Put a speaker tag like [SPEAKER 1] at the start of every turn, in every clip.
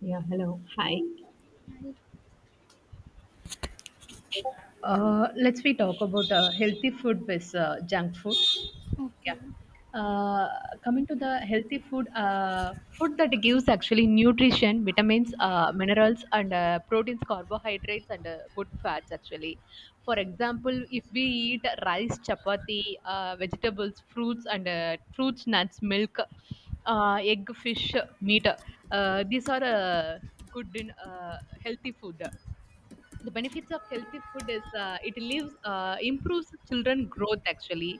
[SPEAKER 1] Yeah, hello. Hi.
[SPEAKER 2] Right.
[SPEAKER 1] Let's we talk about healthy food versus junk food.
[SPEAKER 2] Okay.
[SPEAKER 1] Yeah. Uh, Coming to the healthy food, food that gives actually nutrition, vitamins, minerals, and proteins, carbohydrates, and good fats actually. For example, if we eat rice, chapati, vegetables, fruits, and fruits, nuts, milk, egg, fish, meat, these are good in healthy food. The benefits of healthy food is it lives improves children growth actually.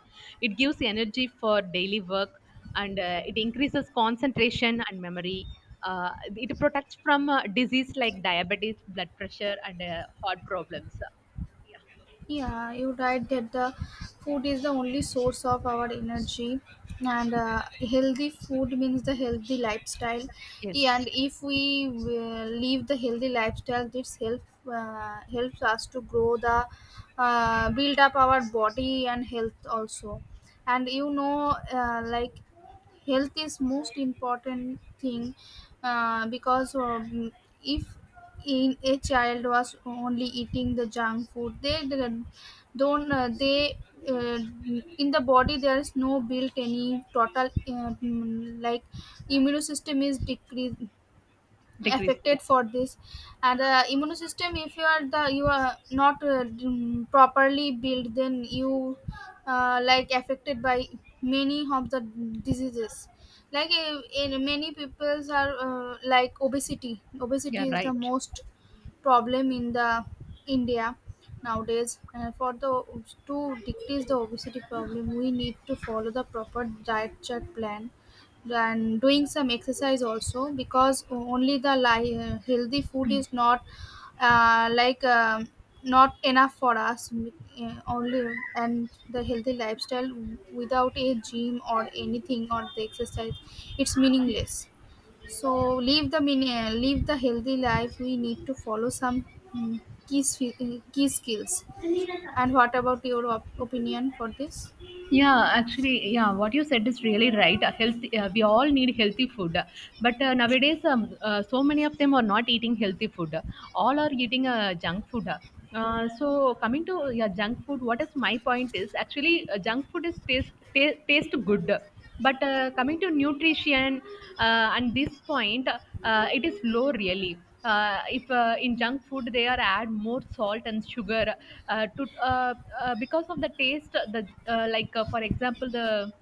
[SPEAKER 1] It gives energy for daily work, and it increases concentration and memory. Uh, it protects from disease like diabetes, blood pressure, and heart problems. Yeah.
[SPEAKER 2] Yeah, you're right that the food is the only source of our energy, and healthy food means the healthy lifestyle. Yeah, and
[SPEAKER 1] Yes.
[SPEAKER 2] if we live the healthy lifestyle, this helps us to grow the build up our body and health also. And health is most important thing because if in a child was only eating the junk food they didn't- don't they uh, in the body there is no built any total immune system is decreased
[SPEAKER 1] Decrease, yeah.
[SPEAKER 2] affected for this. And immune system if you are not properly built, then you like affected by many of the diseases, like in many peoples are like obesity
[SPEAKER 1] Yeah,
[SPEAKER 2] obesity is the
[SPEAKER 1] right.
[SPEAKER 2] most problem in the India nowadays. And for the to decrease the obesity problem, we need to follow the proper diet chart plan and doing some exercise also, because only the healthy food is not uh, like um, not enough for us only. And the healthy lifestyle without a gym or anything or the exercise, it's meaningless. So leave the live the healthy life, we need to follow some mm, key skills. And what about your opinion for this?
[SPEAKER 1] Yeah, actually, yeah, what you said is really right. Healthy, we all need healthy food. But nowadays, so many of them are not eating healthy food. All are eating junk food. So coming to, yeah, junk food, what is my point is actually junk food is taste good, but coming to nutrition and this point, it is low really. If in junk food they are add more salt and sugar, to because of the taste, the, for example, the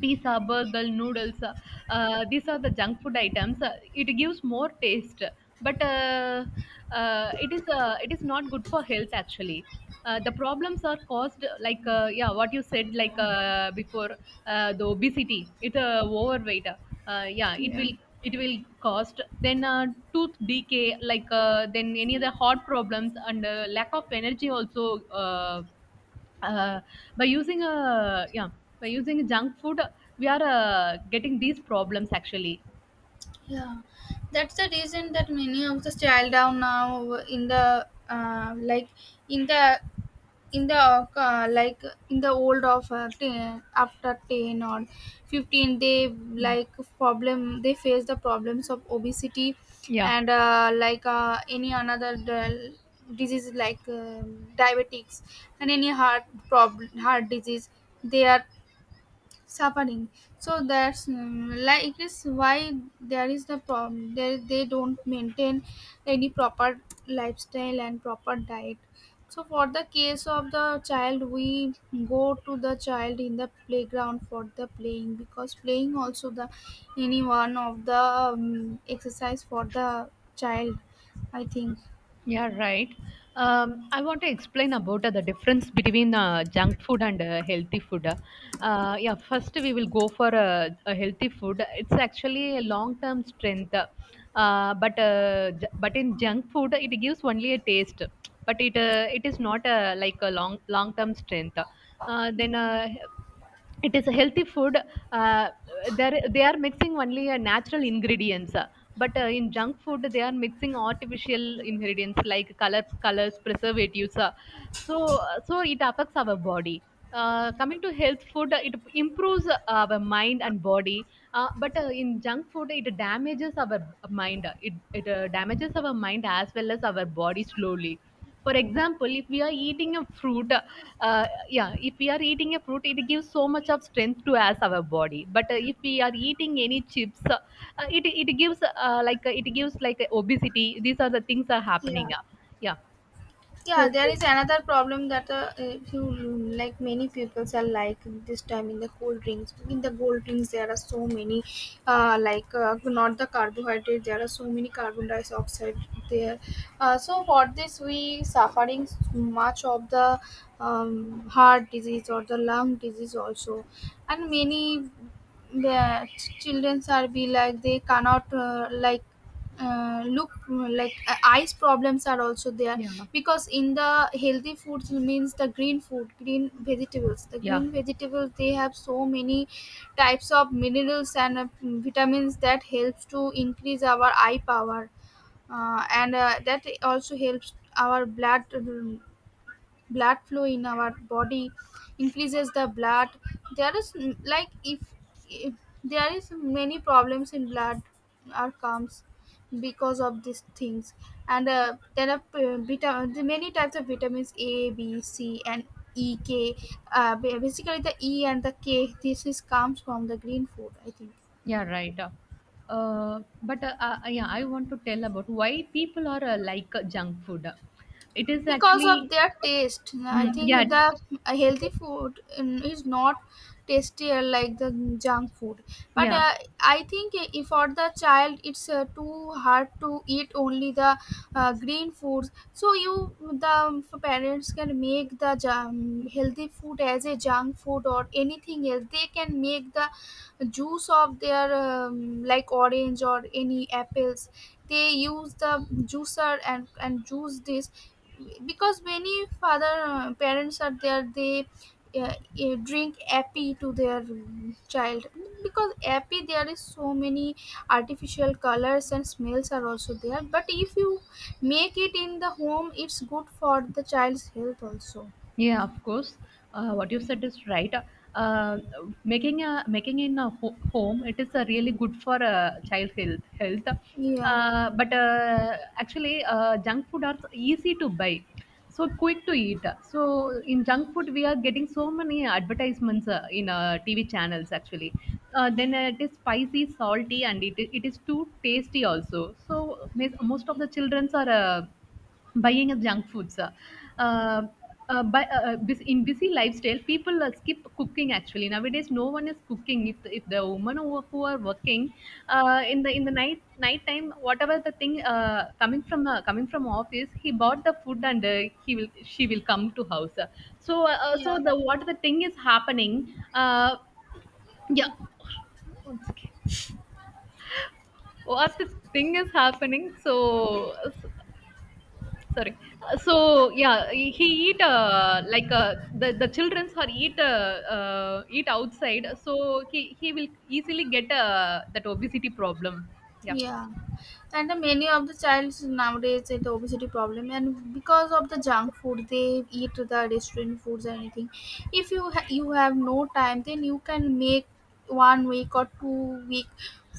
[SPEAKER 1] pizza, burger, noodles. These are the junk food items. It gives more taste, but it is not good for health actually. The problems are caused like, yeah, what you said, like, before the obesity, it overweight. Yeah, it
[SPEAKER 2] Yeah,
[SPEAKER 1] will, it will cost, then tooth decay, like, then any other heart problems, and lack of energy also. Uh, uh, by using a yeah by using junk food, we are getting these problems actually.
[SPEAKER 2] yeah, that's the reason that many of the style down now in the like in the in the like in the old of 10, after 10 or 15 they
[SPEAKER 1] Yeah,
[SPEAKER 2] like problem they face the problems of obesity.
[SPEAKER 1] yeah,
[SPEAKER 2] And any another disease like diabetics and any heart problem, heart disease, they are suffering. So that's is why there is the problem. They don't maintain any proper lifestyle and proper diet. So for the case of the child, we go to the child in the playground for the playing, because playing also the any one of the exercise for the child, I think.
[SPEAKER 1] yeah, right. I want to explain about the difference between junk food and healthy food. Yeah, first we will go for a healthy food. It's actually a long-term strength, but in junk food it gives only a taste, but it is not like a long-term strength. Then it is a healthy food, uh, there they are mixing only natural ingredients, but in junk food they are mixing artificial ingredients like colors, preservatives. So it affects our body. Coming to health food, it improves our mind and body, but in junk food it damages our mind. It damages our mind as well as our body slowly. For example, if we are eating a fruit, if we are eating a fruit, it gives so much of strength to us, our body. But if we are eating any chips, it gives, obesity. These are the things are
[SPEAKER 2] Yeah,
[SPEAKER 1] happening. uh, yeah
[SPEAKER 2] yeah,
[SPEAKER 1] So,
[SPEAKER 2] there is another problem that if you like many people are like this time in the cold drinks, in the cold drinks there are so many not the carbohydrate, there are so many carbon dioxide there. So for this we suffering much of the heart disease or the lung disease also. And many the children are be like they cannot look like eyes problems are also there.
[SPEAKER 1] yeah
[SPEAKER 2] Because in the healthy foods means the green food, green vegetables, the
[SPEAKER 1] yeah
[SPEAKER 2] green vegetables, they have so many types of minerals and vitamins that helps to increase our eye power. And That also helps our blood blood flow in our body, increases the blood. There is if there is many problems in blood are comes because of these things. And there are the many types of vitamins, A B C and E K. Basically the E and the K, this is comes from the green food, I think.
[SPEAKER 1] yeah right. Uh, but Yeah, I want to tell about why people are, like, junk food. It is
[SPEAKER 2] Because
[SPEAKER 1] actually,
[SPEAKER 2] of their taste. I
[SPEAKER 1] mm, yeah.
[SPEAKER 2] think the healthy food is not tastier like the junk food. But
[SPEAKER 1] Yeah.
[SPEAKER 2] I think if for the child, it's too hard to eat only the green foods. So you the parents can make the jam, healthy food as a junk food or anything else. They can make the juice of their orange or any apples. They use the juicer and juice this, because many father parents are there, they uh, drink appy to their child, because appy there is so many artificial colors and smells are also there. But if you make it in the home, it's good for the child's health also.
[SPEAKER 1] Yeah, of course. What you said is right. Uh, Making in a home, it is a really good for child health. Health,
[SPEAKER 2] Yeah,
[SPEAKER 1] but actually, junk food are easy to buy, so quick to eat. So in junk food, we are getting so many advertisements in TV channels. Actually, then it is spicy, salty, and it is too tasty also. So most of the childrens are buying of junk foods. Uh, in busy lifestyle, people skip cooking. Actually, nowadays, no one is cooking. If the women who are working in the night time, whatever the thing, coming from office, he bought the food, and he will she will come to house. So
[SPEAKER 2] yeah,
[SPEAKER 1] the, what the thing is happening? Yeah, One second. What the thing is happening? So, sorry. So yeah he eat, the childrens are eat, eat outside. So he will easily get that obesity problem. Yeah.
[SPEAKER 2] yeah, and the many of the childs nowadays with the obesity problem, and because of the junk food they eat, the restaurant foods or anything. If you you have no time, then you can make 1 week or 2 week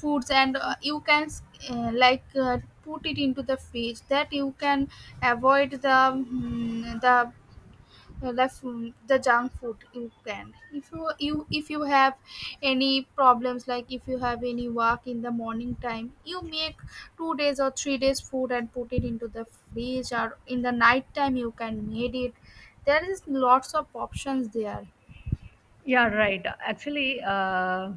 [SPEAKER 2] foods, and you can uh, like uh, put it into the fridge, that you can avoid the mm, the the junk food. You can if you if you have any problems, like if you have any work in the morning time, you make 2 days or 3 days food and put it into the fridge, or in the night time you can made it. There is lots of options there.
[SPEAKER 1] Yeah, right. Actually, uh,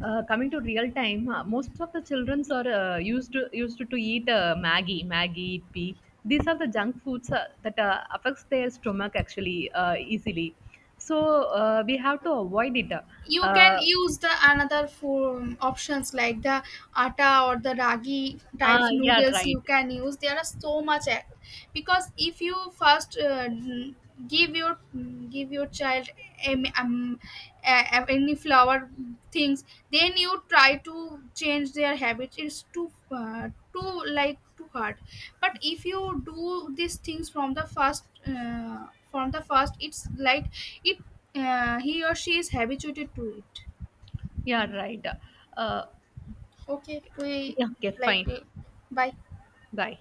[SPEAKER 1] coming to real time, most of the childrens are used to eat, Maggie, Maggie, Ippi. These are the junk foods that affects their stomach actually easily. So, we have to avoid it.
[SPEAKER 2] You can use the another form options like the atta or the ragi
[SPEAKER 1] Uh,
[SPEAKER 2] types
[SPEAKER 1] yeah,
[SPEAKER 2] noodles,
[SPEAKER 1] right.
[SPEAKER 2] you can use, there are so much because if you first give your give your child a, any flower things, then you try to change their habits, it's too like too hard. But if you do these things from the first it's like it he or she is habituated to it.
[SPEAKER 1] Yeah, right. Uh,
[SPEAKER 2] Okay, we
[SPEAKER 1] yeah, okay,
[SPEAKER 2] like,
[SPEAKER 1] fine.
[SPEAKER 2] bye.
[SPEAKER 1] Bye.